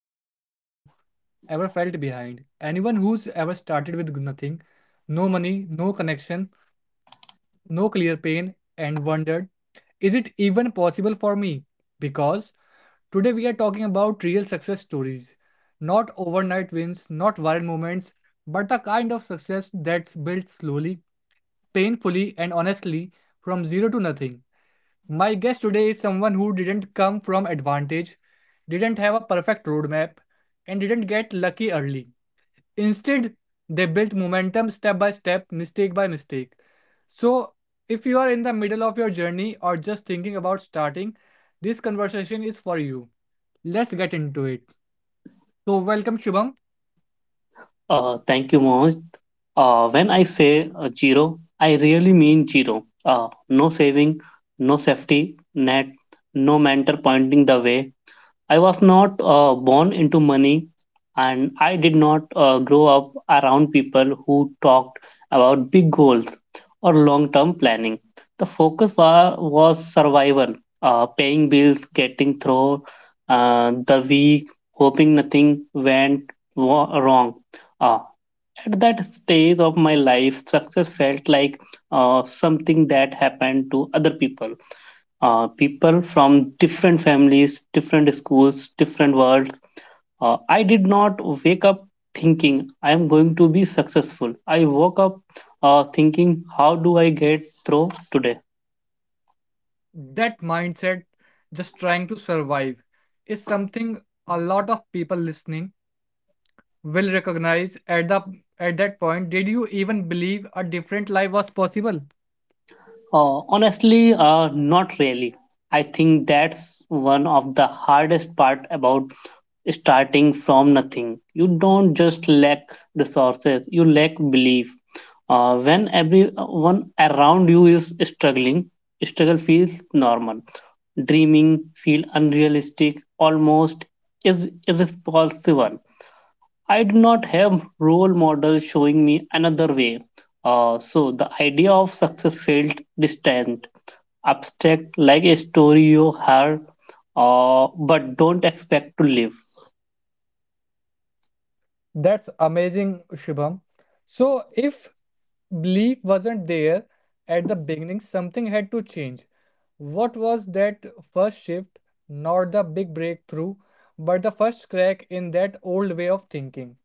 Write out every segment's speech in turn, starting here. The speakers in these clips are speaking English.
for anyone who ever felt behind, anyone who's ever started with nothing, no money, no connection, no clear pain, and wondered, is it even possible for me? Because today we are talking about real success stories, not overnight wins, not viral moments, but the kind of success that's built slowly, painfully, and honestly from zero to nothing. My guest today is someone who didn't come from advantage, didn't have a perfect roadmap, and didn't get lucky early. Instead, they built momentum step by step, mistake by mistake. So, if you are in the middle of your journey or just thinking about starting, this conversation is for you. Let's get into it. So, welcome, Shubham. Thank you, Mohammed. When I say zero, I really mean zero. No saving, no safety net, no mentor pointing the way. I was not born into money, and I did not grow up around people who talked about big goals or long-term planning. The focus was survival, paying bills, getting through the week, hoping nothing went wrong. Uh, at that stage of my life, success felt like something that happened to other people. People from different families, different schools, different worlds. I did not wake up thinking I am going to be successful. I woke up thinking, how do I get through today? That mindset, just trying to survive, is something a lot of people listening will recognize at that point, did you even believe a different life was possible? Honestly, not really. I think that's one of the hardest part about starting from nothing. You don't just lack resources, you lack belief. When everyone around you is struggling, struggle feels normal. Dreaming feel unrealistic, almost is irresponsible. I do not have role models showing me another way. So the idea of success felt distant, abstract, like a story you heard, but don't expect to live. That's amazing, Shubham. So, if belief wasn't there at the beginning, something had to change. What was that first shift? Not the big breakthrough, but the first crack in that old way of thinking.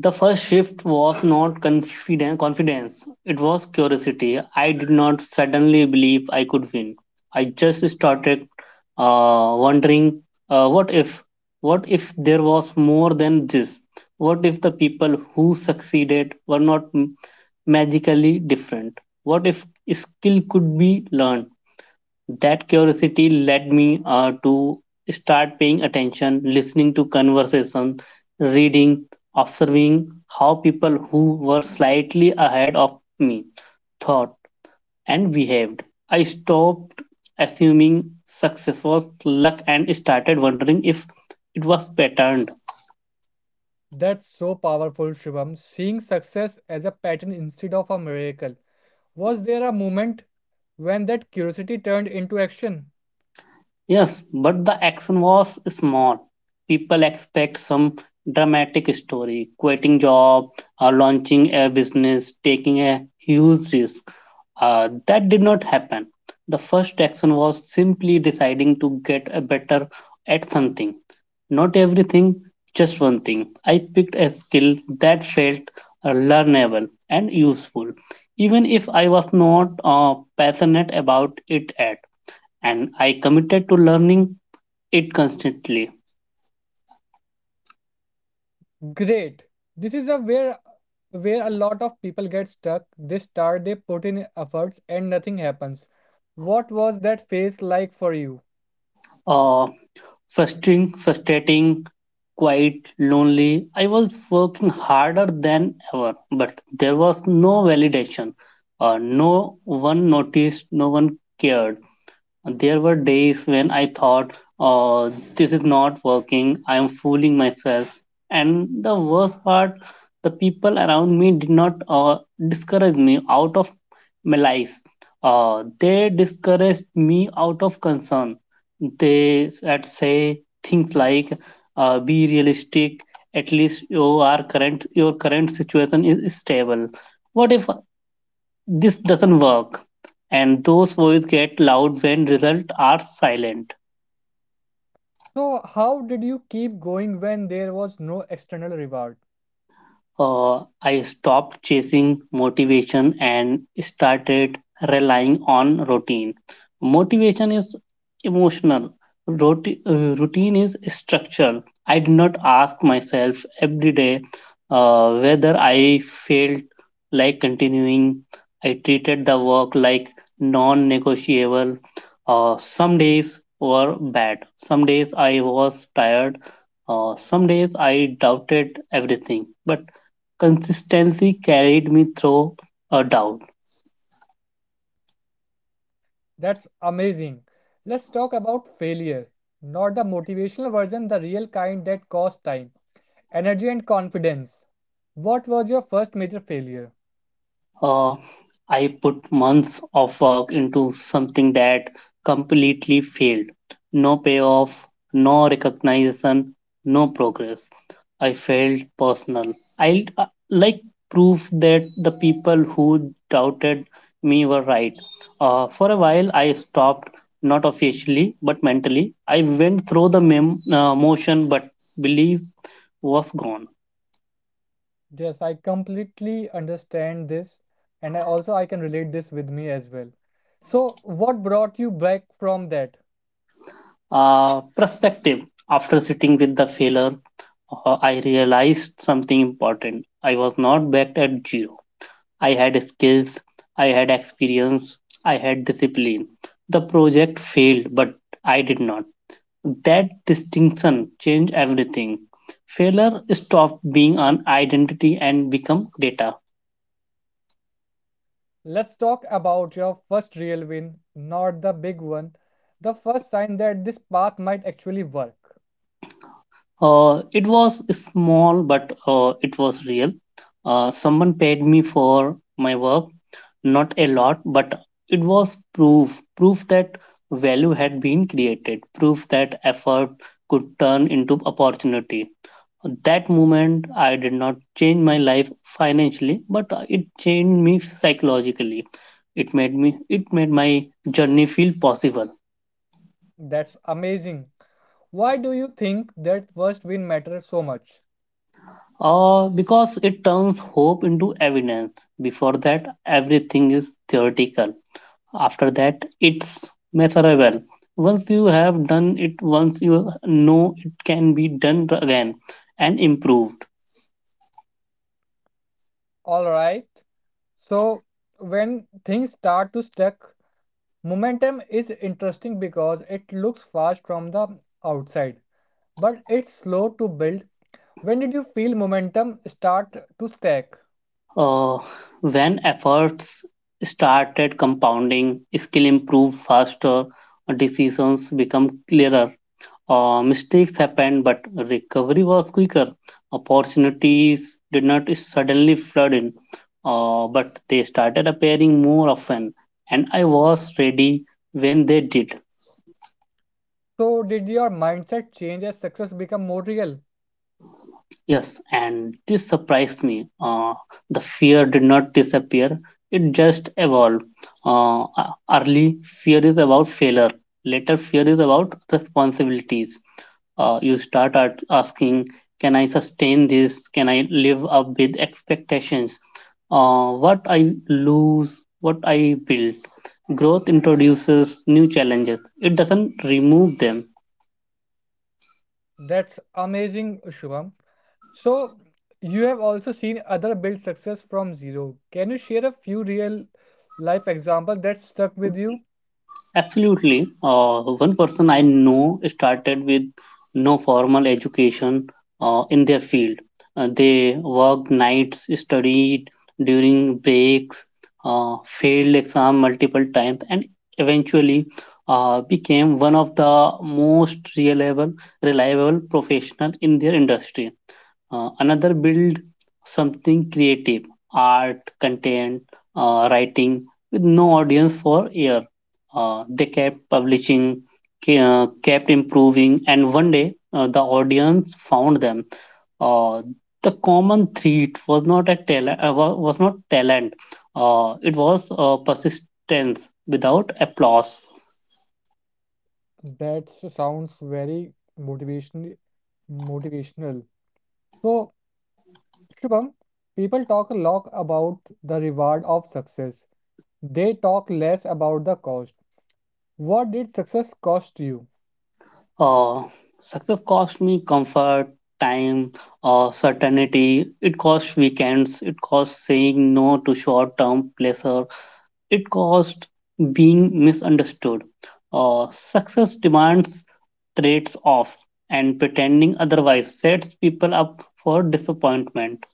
The first shift was not confidence, it was curiosity. I did not suddenly believe I could win. I just started wondering what if? What if there was more than this? What if the people who succeeded were not magically different? What if skill could be learned? That curiosity led me to start paying attention, listening to conversation, reading, observing how people who were slightly ahead of me thought and behaved. I stopped assuming success was luck and started wondering if it was patterned. That's so powerful, Shubham. Seeing success as a pattern instead of a miracle, was there a moment when that curiosity turned into action? Yes, but the action was small. People expect some dramatic story, quitting job or launching a business, taking a huge risk. That did not happen. The first action was simply deciding to get a better at something. Not everything, just one thing. I picked a skill that felt learnable and useful, even if I was not passionate about it at, and I committed to learning it constantly. Great. This is a where a lot of people get stuck. They start, they put in efforts, and nothing happens. What was that phase like for you? Uh, frustrating, quite lonely. I was working harder than ever, but there was no validation. No one noticed, no one cared. There were days when I thought, oh, this is not working, I am fooling myself. And the worst part, the people around me did not discourage me out of malice. They discouraged me out of concern. They said, say things like, be realistic, at least your current situation is stable. What if this doesn't work, and those voices get loud when results are silent. So, how did you keep going when there was no external reward? I stopped chasing motivation and started relying on routine. Motivation is emotional, routine is structural. I did not ask myself every day whether I felt like continuing. I treated the work like non negotiable. Some days were bad, some days I was tired. Some days I doubted everything, but consistency carried me through a doubt. That's amazing. Let's talk about failure, not the motivational version, the real kind that costs time, energy, and confidence. What was your first major failure? Uh, I put months of work into something that completely failed. No payoff, no recognition, no progress. I felt personal. I like proof that the people who doubted me were right. For a while, I stopped, not officially, but mentally. I went through the motion, but belief was gone. Yes, I completely understand this, and I also I can relate this with me as well. So, what brought you back from that? Perspective after sitting with the failure. I realized something important. I was not backed at zero. I had skills, I had experience, I had discipline. The project failed, but I did not. That distinction changed everything. Failure stopped being an identity and become data. Let's talk about your first real win, not the big one, the first sign that this path might actually work. It was small, but it was real. Someone paid me for my work, not a lot, but it was proof that value had been created, proof that effort could turn into opportunity. That moment, I did not change my life financially, but it changed me psychologically. It made my journey feel possible. That's amazing. Why do you think that first win matters so much? Because it turns hope into evidence. Before that, everything is theoretical. After that, it's measurable. Once you have done it, once you know it can be done again and improved. All right. So, when things start to stuck, momentum is interesting because it looks fast from the outside, but it's slow to build. When did you feel momentum start to stack? Uh, when efforts started compounding, skill improve faster, decisions become clearer. Mistakes happened, but recovery was quicker. Opportunities did not suddenly flood in, but they started appearing more often, and I was ready when they did. So, did your mindset change as success become more real? Yes, and this surprised me. The fear did not disappear, it just evolved. Early fear is about failure, later, fear is about responsibilities. You start at asking, can I sustain this? Can I live up with expectations? What I lose, what I build. Growth introduces new challenges, it doesn't remove them. That's amazing, Shubham. So, you have also seen other build success from zero. Can you share a few real life examples that stuck with you? Absolutely. One person I know started with no formal education in their field. They worked nights, studied during breaks, failed exam multiple times, and eventually became one of the most reliable professional in their industry. Another build something creative, art, content, writing with no audience for year. They kept publishing, kept improving, and one day the audience found them. Uh, the common threat was not a talent, wa- was not talent. It was persistence without applause. That sounds very motivational. Motivational. So, Shubham, people talk a lot about the reward of success. They talk less about the cost. What did success cost you? Uh, success cost me comfort, time, certainty. It cost weekends. It cost saying no to short term pleasure. It cost being misunderstood. Success demands trades off, and pretending otherwise sets people up for disappointment.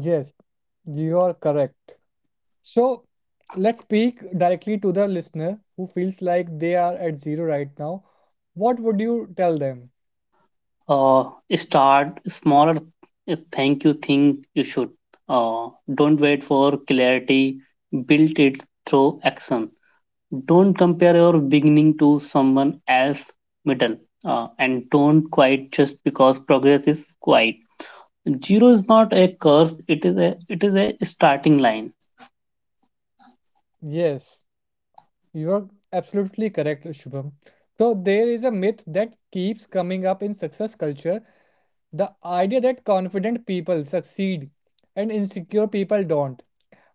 Yes, you are correct. So let's speak directly to the listener who feels like they are at zero right now. What would you tell them? Uh, start smaller. Is thank you, think you should. Uh, don't wait for clarity, build it through action. Don't compare your beginning to someone else middle, and don't quit just because progress is quiet. Zero is not a curse, it is a starting line. Yes, you are absolutely correct, Shubham. So there is a myth that keeps coming up in success culture, the idea that confident people succeed and insecure people don't.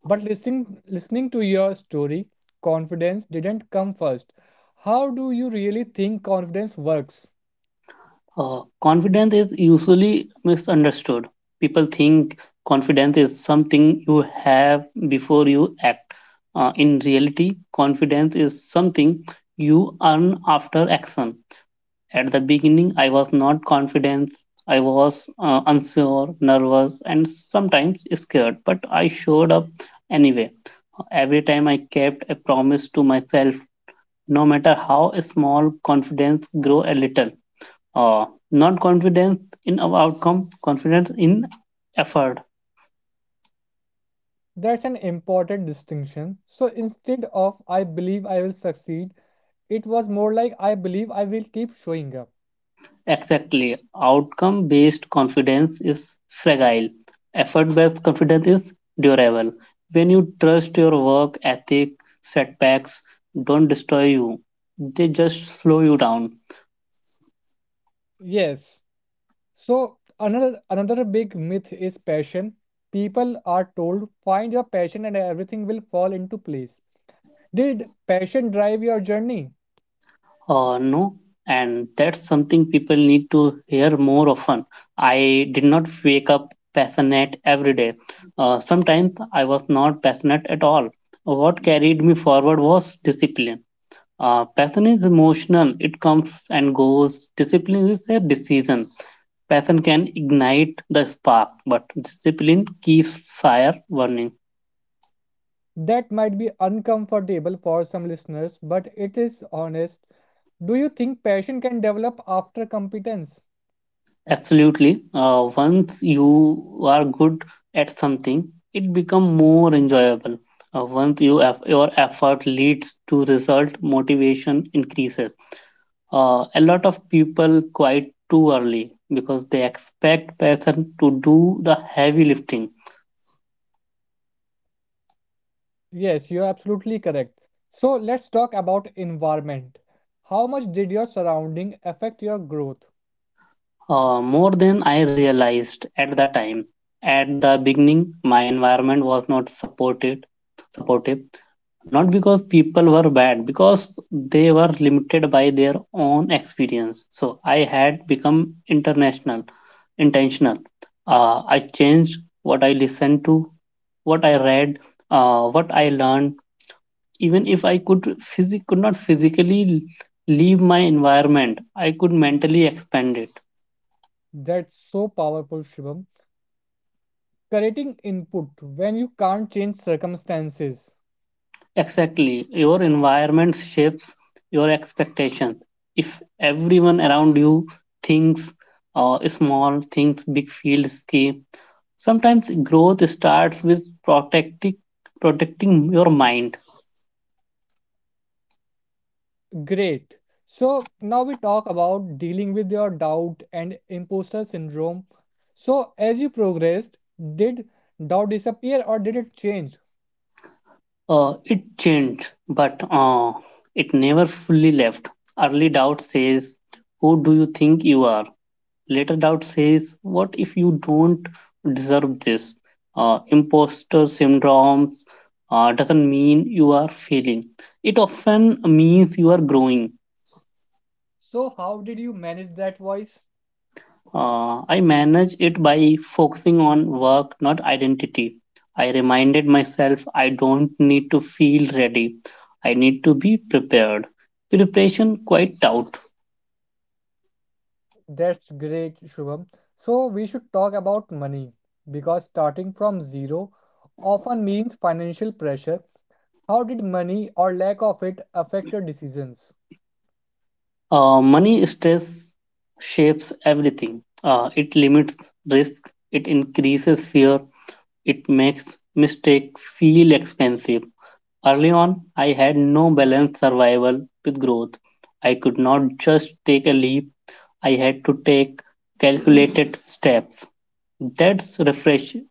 But listening to your story, confidence didn't come first. How do you really think confidence works? Confidence is usually misunderstood. People think confidence is something you have before you act. In reality, confidence is something you earn after action. At the beginning, I was not confident. I was unsure, nervous, and sometimes scared, but I showed up anyway. Every time I kept a promise to myself, no matter how small, confidence grow a little. Not confidence in our outcome, confidence in effort. That's an important distinction. So instead of I believe I will succeed, it was more like I believe I will keep showing up. Exactly. Outcome based confidence is fragile. Effort based confidence is durable. When you trust your work ethic, setbacks don't destroy you, they just slow you down. Yes. So another big myth is passion. People are told find your passion and everything will fall into place. Did passion drive your journey? No, and that's something people need to hear more often. I did not wake up passionate every day. Sometimes I was not passionate at all. What carried me forward was discipline. Passion is emotional, it comes and goes. Discipline is a decision. Passion can ignite the spark, but discipline keeps fire burning. That might be uncomfortable for some listeners, but it is honest. Do you think passion can develop after competence? Absolutely. Once you are good at something, it becomes more enjoyable. Once your effort leads to result, motivation increases. A lot of people quit too early because they expect passion to do the heavy lifting. Yes, you're absolutely correct. So let's talk about environment. How much did your surrounding affect your growth? More than I realized at the time. At the beginning, my environment was not supportive, not because people were bad, because they were limited by their own experience. So I had become intentional. I changed what I listened to, what I read, what I learned. Even if I could physic could not physically leave my environment, I could mentally expand it. That's so powerful, Shivam. Creating input when you can't change circumstances. Exactly. Your environment shapes your expectations. If everyone around you thinks small, thinks big, feels scary, sometimes growth starts with protecting your mind. Great. So now we talk about dealing with your doubt and imposter syndrome. So as you progressed, did doubt disappear or did it change? It changed, but it never fully left. Early doubt says, who do you think you are? Later doubt says, what if you don't deserve this? Imposter syndrome doesn't mean you are failing, it often means you are growing. So how did you manage that voice? I manage it by focusing on work, not identity. I reminded myself I don't need to feel ready, I need to be prepared. Preparation, quite doubt. That's great, Shubham. So we should talk about money because starting from zero often means financial pressure. How did money or lack of it affect your decisions? Money stress shapes everything. It limits risk, it increases fear, it makes mistake feel expensive. Early on, I had no balanced survival with growth. I could not just take a leap. I had to take calculated steps. That's refreshing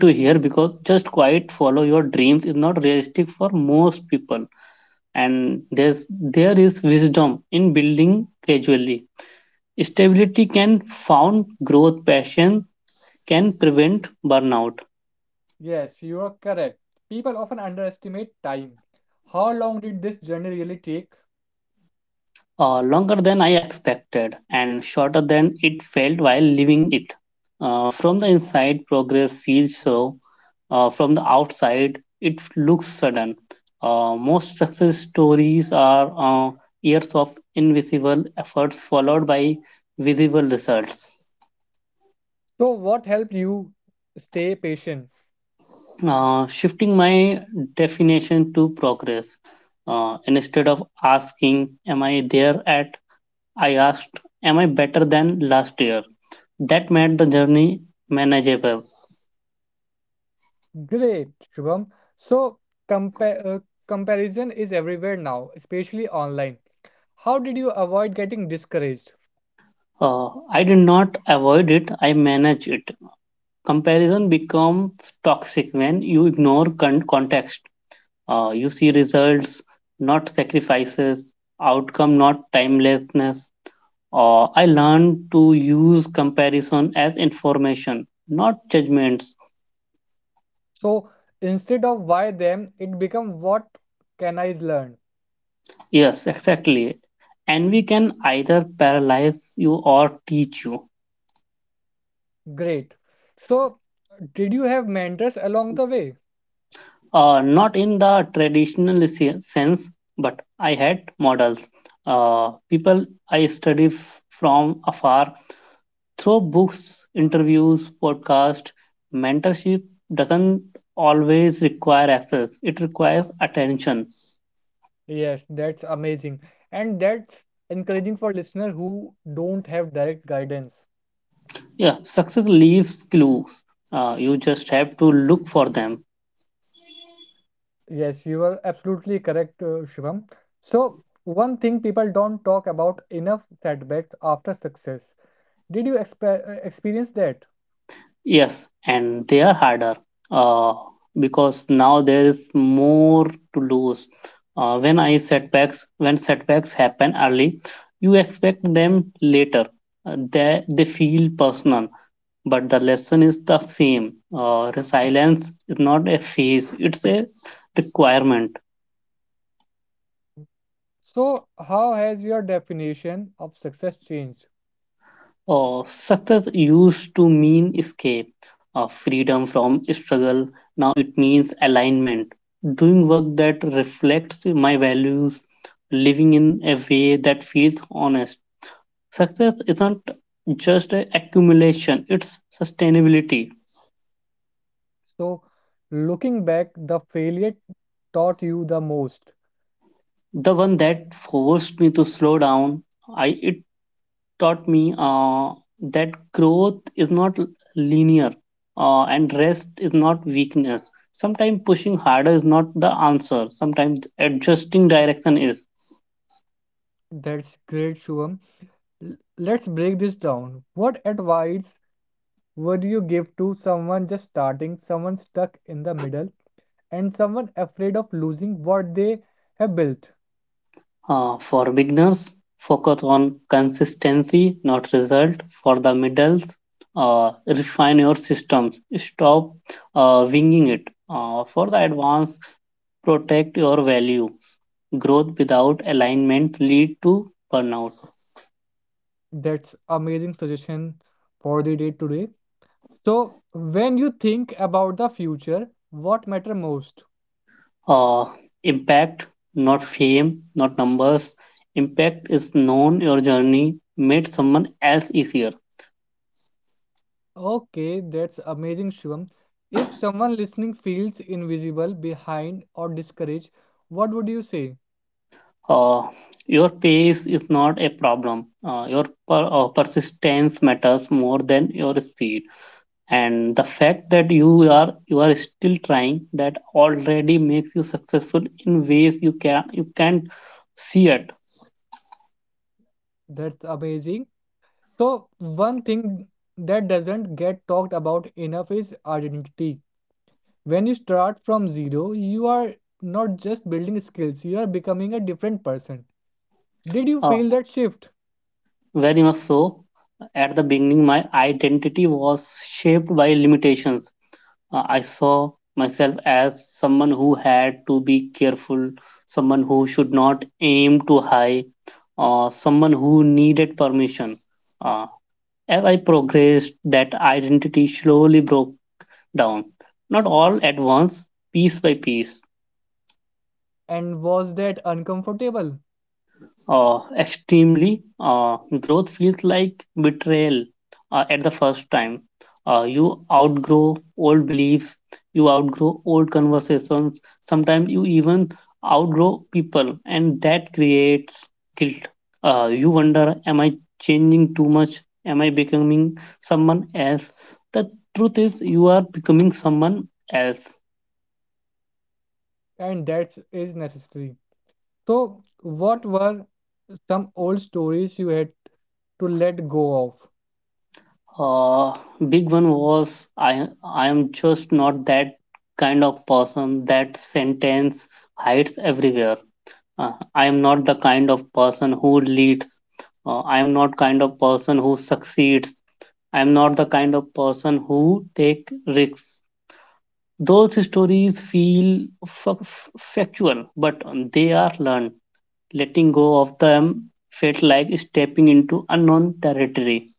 to hear because just quite follow your dreams is not realistic for most people, and there is wisdom in building gradually. Stability can found growth, passion can prevent burnout. Yes, you are correct. People often underestimate time. How long did this journey really take? Longer than I expected and shorter than it felt while living it. From the inside, progress feels slow. From the outside, it looks sudden. Most success stories are years of invisible efforts followed by visible results. So, what helped you stay patient? Shifting my definition to progress. Instead of asking, am I there at? I asked, am I better than last year? That made the journey manageable. Great, Shubham. So, compa- uh, comparison is everywhere now, especially online. How did you avoid getting discouraged? I did not avoid it, I managed it. Comparison becomes toxic when you ignore context. You see results, not sacrifices, outcome, not timelessness. I learned to use comparison as information, not judgments. So, instead of why them, it become what can I learn? Yes, exactly. Envy can either paralyze you or teach you. Great. So, did you have mentors along the way? Not in the traditional sense, but I had models. People I study from afar through books, interviews, podcasts. Mentorship doesn't always require access, it requires attention. Yes, that's amazing. And that's encouraging for listener who don't have direct guidance. Yeah, success leaves clues. You just have to look for them. Yes, you are absolutely correct, Shivam. So, one thing people don't talk about enough setbacks after success. Did you experience that? Yes, and they are harder uh, because now there is more to lose. When setbacks happen early, you expect them later. They feel personal, but the lesson is the same. Resilience is not a phase; it's a requirement. So, how has your definition of success changed? Success used to mean escape, freedom from struggle. Now it means alignment, doing work that reflects my values, living in a way that feels honest. Success isn't just a accumulation; it's sustainability. So, looking back, the failure taught you the most. The one that forced me to slow down, I it taught me that growth is not linear and rest is not weakness. Sometimes pushing harder is not the answer, sometimes adjusting direction is. That's great, Shubham. Let's break this down. What advice would you give to someone just starting, someone stuck in the middle, and someone afraid of losing what they have built. For beginners, focus on consistency, not result. For the middles, refine your systems, stop winging it. For the advanced, protect your values. Growth without alignment lead to burnout. That's amazing suggestion for the day today. So when you think about the future, what matter most? uh, Impact, not fame, not numbers. Impact is known your journey made someone else easier. Okay, that's amazing, Shivam. If someone listening feels invisible, behind, or discouraged, what would you say? Uh, your pace is not a problem. Your persistence matters more than your speed, and the fact that you are still trying that already makes you successful in ways you can't see it. That's amazing. So one thing that doesn't get talked about enough is identity. When you start from zero, you are not just building skills, you are becoming a different person. Did you Uh, feel that shift? Very much so. At the beginning, my identity was shaped by limitations I saw myself as someone who had to be careful, someone who should not aim too high, or someone who needed permission. Uh, as I progressed, that identity slowly broke down, not all at once, piece by piece. And was that uncomfortable? Extremely. Growth feels like betrayal at the first time. You outgrow old beliefs, you outgrow old conversations, sometimes you even outgrow people, and that creates guilt. You wonder, am I changing too much? Am I becoming someone else? The truth is, you are becoming someone else. And that is necessary. So, what were some old stories you had to let go of? Uh, big one was I am just not that kind of person. That sentence hides everywhere. I am not the kind of person who leads. I am not kind of person who succeeds. I am not the kind of person who take risks. Those stories feel factual, but they are learned. Letting go of them felt like stepping into unknown territory.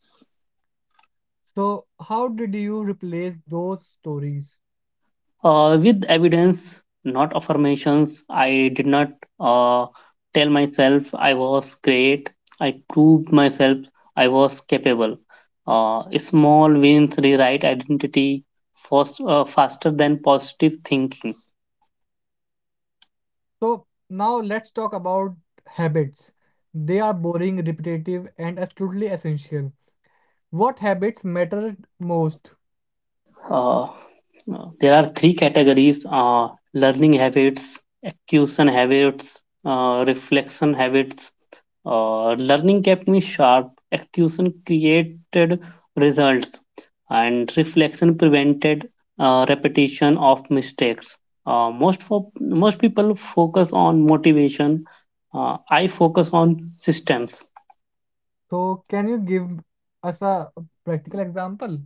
So, how did you replace those stories? With evidence, not affirmations. I did not uh, tell myself I was great. I proved myself I was capable. Small wins rewrite identity fast, faster than positive thinking. So, now let's talk about habits. They are boring, repetitive, and absolutely essential. What habits matter most? Uh, there are three categories: learning habits, acquisition habits, reflection habits. Learning kept me sharp, execution created results, and reflection prevented repetition of mistakes. Uh, most people focus on motivation. I focus on systems. So can you give us a practical example?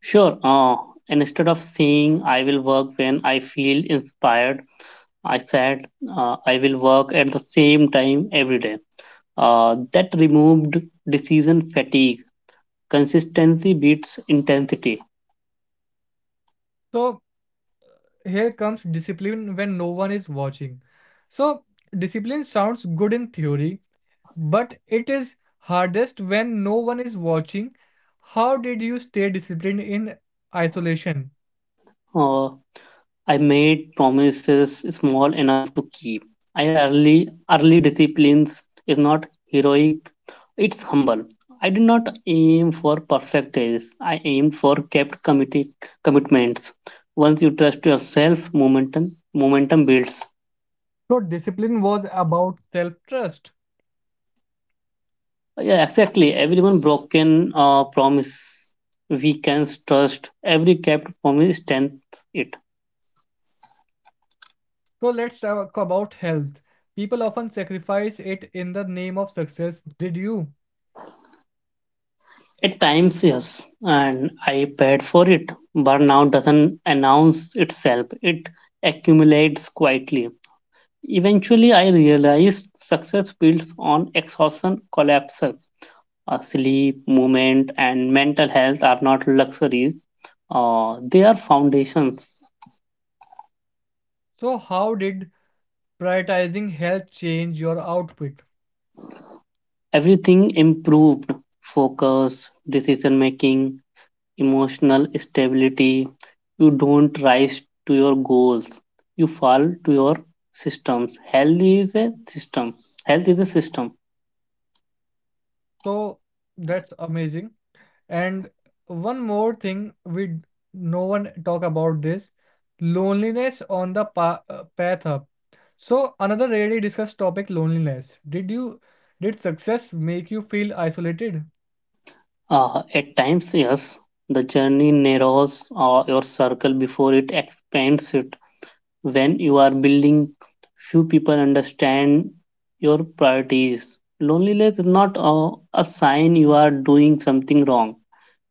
Sure. Instead of saying I will work when I feel inspired, I said I will work at the same time every day. That removed decision fatigue. Consistency beats intensity. So here comes discipline when no one is watching. So discipline sounds good in theory, but it is hardest when no one is watching. How did you stay disciplined in isolation? Uh, I made promises small enough to keep. I early early disciplines is not heroic; it's humble. I did not aim for perfect days. I aimed for kept committed commitments. Once you trust yourself, momentum builds. So discipline was about self-trust. Yeah, exactly. Everyone broken promise we can trust. Every kept promise strengthens it. So let's talk about health. People often sacrifice it in the name of success. Did you? At times, yes, and I paid for it. Burnout doesn't announce itself, it accumulates quietly. Eventually, I realized success builds on exhaustion collapses. Sleep, movement, and mental health are not luxuries, they are foundations. So how did prioritizing health change your output? Everything improved: focus, decision making, emotional stability. You don't rise to your goals. You fall to your systems. Health is a system. Health is a system. So that's amazing. And one more thing no one talk about this loneliness on the pa path up. So another rarely discussed topic, loneliness. Did you did success make you feel isolated? At times, yes, the journey narrows your circle before it expands it. When you are building, few people understand your priorities. Loneliness is not a sign you are doing something wrong.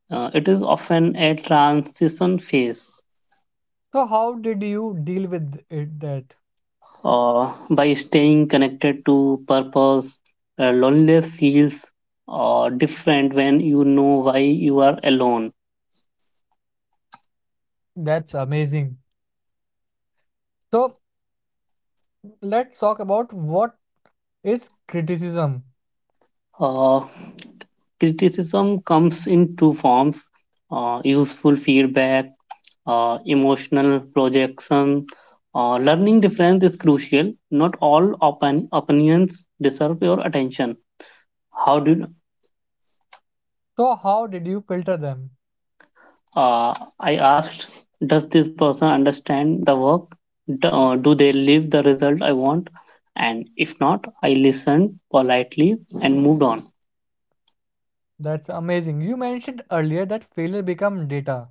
It is often a transition phase. So how did you deal with it that? By staying connected to purpose, loneliness feels different when you know why you are alone. That's amazing. So let's talk about what is criticism. Uh, Criticism comes in two forms: useful feedback, emotional projection. Learning difference is crucial. Not all opinions deserve your attention. How do— So how did you filter them? I asked, does this person understand the work? Do, do they leave the result I want? And if not, I listened politely and moved on. That's amazing. You mentioned earlier that failure become data.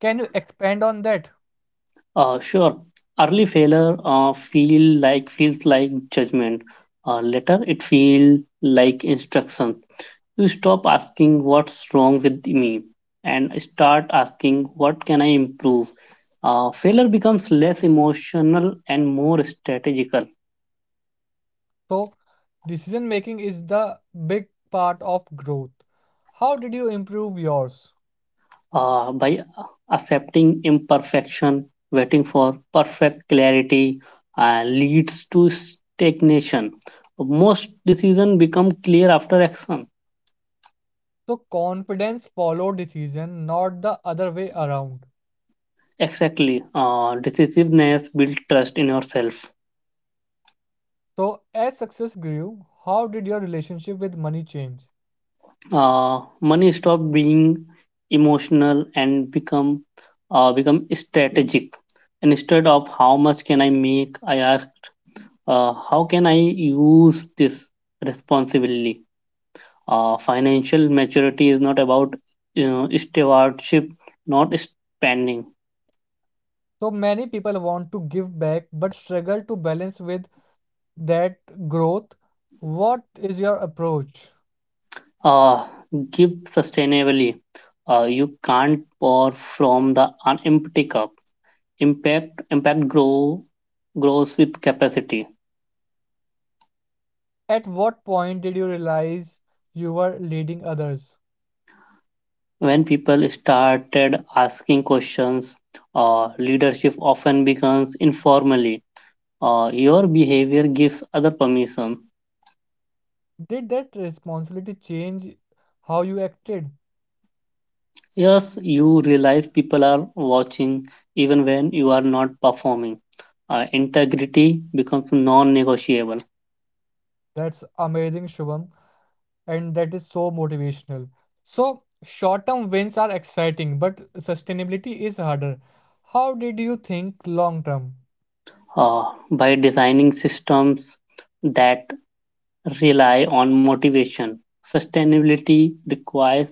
Can you expand on that? Sure, early failure feels like judgment. Later, it feels like instruction. You stop asking what's wrong with me and start asking what can I improve. Failure becomes less emotional and more strategical. So decision making is the big part of growth. How did you improve yours? By Accepting imperfection, waiting for perfect clarity, leads to stagnation. Most decisions become clear after action. So confidence follow decision, not the other way around. Exactly, decisiveness builds trust in yourself. So, as success grew, how did your relationship with money change? Money stop being emotional and become strategic. Instead of how much can I make, I ask how can I use this responsibly. Financial maturity is not about, you know, stewardship, not spending. So, many people want to give back but struggle to balance with that growth. What is your approach? Uh, Give sustainably. You can't pour from the empty cup. Impact grows with capacity. At what point did you realize you were leading others? When people started asking questions, leadership often becomes informally. Your behavior gives other permission. Did that responsibility change how you acted? Yes, you realize people are watching even when you are not performing. Integrity becomes non negotiable. That's amazing, Shubham, and that is so motivational. So, short term wins are exciting, but sustainability is harder. How did you think long term? Uh, by designing systems that rely on motivation, sustainability requires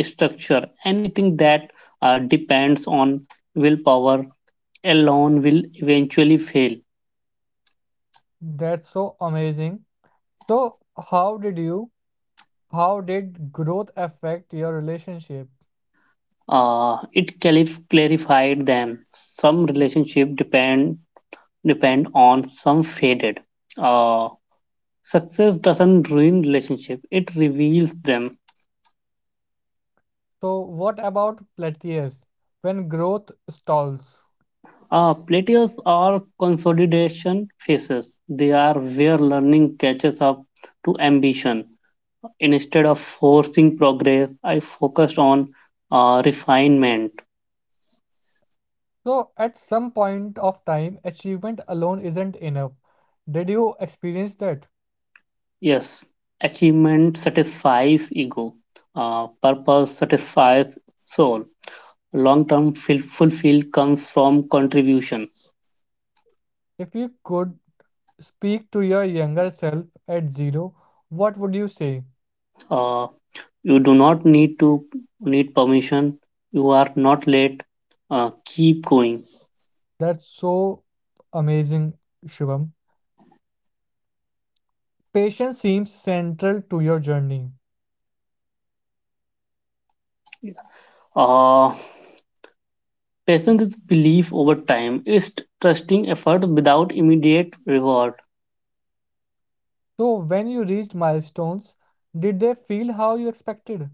structure. Anything that depends on willpower alone will eventually fail. That's so amazing. So, how did you, how did growth affect your relationship? Uh, it clarified them. Some relationship depend on some faded. Uh, Success doesn't ruin relationship; it reveals them. So, what about plateaus when growth stalls? Plateaus are consolidation phases. They are where learning catches up to ambition. Instead of forcing progress, I focused on refinement. So, at some point of time, achievement alone isn't enough. Did you experience that? Yes, achievement satisfies ego. Purpose satisfies soul. Long-term fulfill comes from contribution. If you could speak to your younger self at zero, what would you say? Uh, You do not need permission. You are not late. Keep going. That's so amazing, Shivam. Patience seems central to your journey. Uh, Patience is belief over time. It's trusting effort without immediate reward. So, when you reached milestones, did they feel how you expected?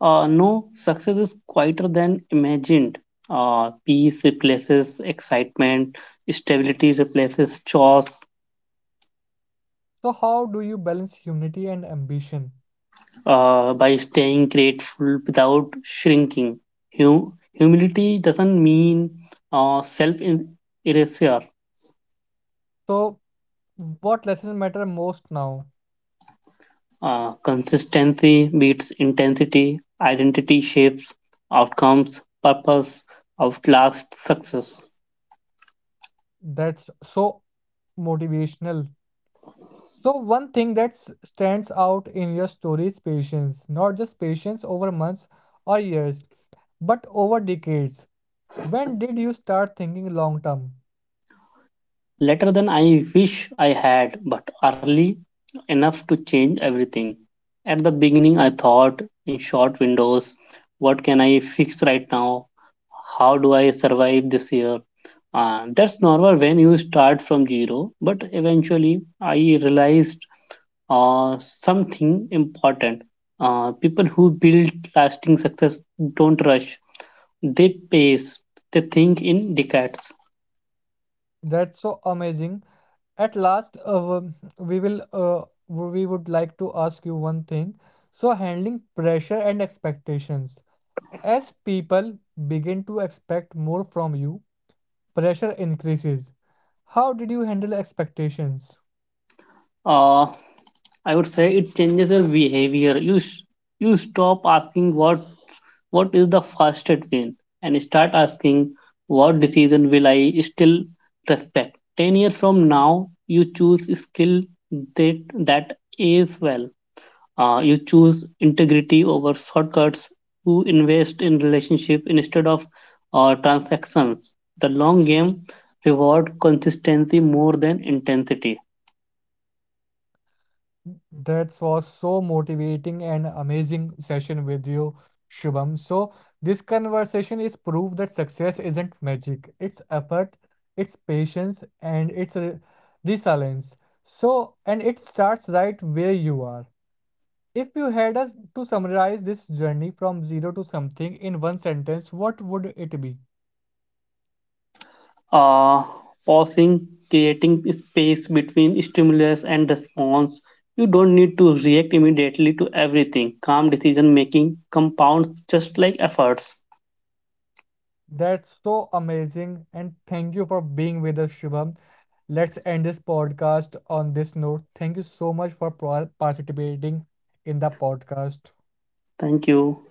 No, success is quieter than imagined. Peace replaces excitement. Stability replaces chores. So, how do you balance humility and ambition? By staying grateful without shrinking. Humility doesn't mean self erasure. So, what lessons matter most now? Consistency beats intensity, identity shapes outcomes, purpose outlasts success. That's so motivational. So, one thing that stands out in your story is patience, not just patience over months or years, but over decades. When did you start thinking long term? Later than I wish I had, but early enough to change everything. At the beginning, I thought in short windows: what can I fix right now? How do I survive this year? That's normal when you start from zero, but eventually I realized something important. People who build lasting success don't rush, they pace, they think in decades. That's so amazing. At last, we would like to ask you one thing. So handling pressure and expectations. As people begin to expect more from you, pressure increases. How did you handle expectations? Uh, I would say it changes your behavior. You stop asking what is the fastest win and start asking what decision will I still respect. 10 years from now, you choose skill that is well. You choose integrity over shortcuts. You invest in relationship instead of transactions. The long game reward consistency more than intensity. That was so motivating and amazing session with you, Shubham. So, this conversation is proof that success isn't magic. It's effort, it's patience, and it's resilience. So, and it starts right where you are. If you had us to summarize this journey from zero to something in one sentence, what would it be? Uh, Pausing, creating space between stimulus and response. You don't need to react immediately to everything. Calm decision making compounds just like efforts. That's so amazing. And thank you for being with us, Shubham. Let's end this podcast on this note. Thank you so much for participating in the podcast. Thank you.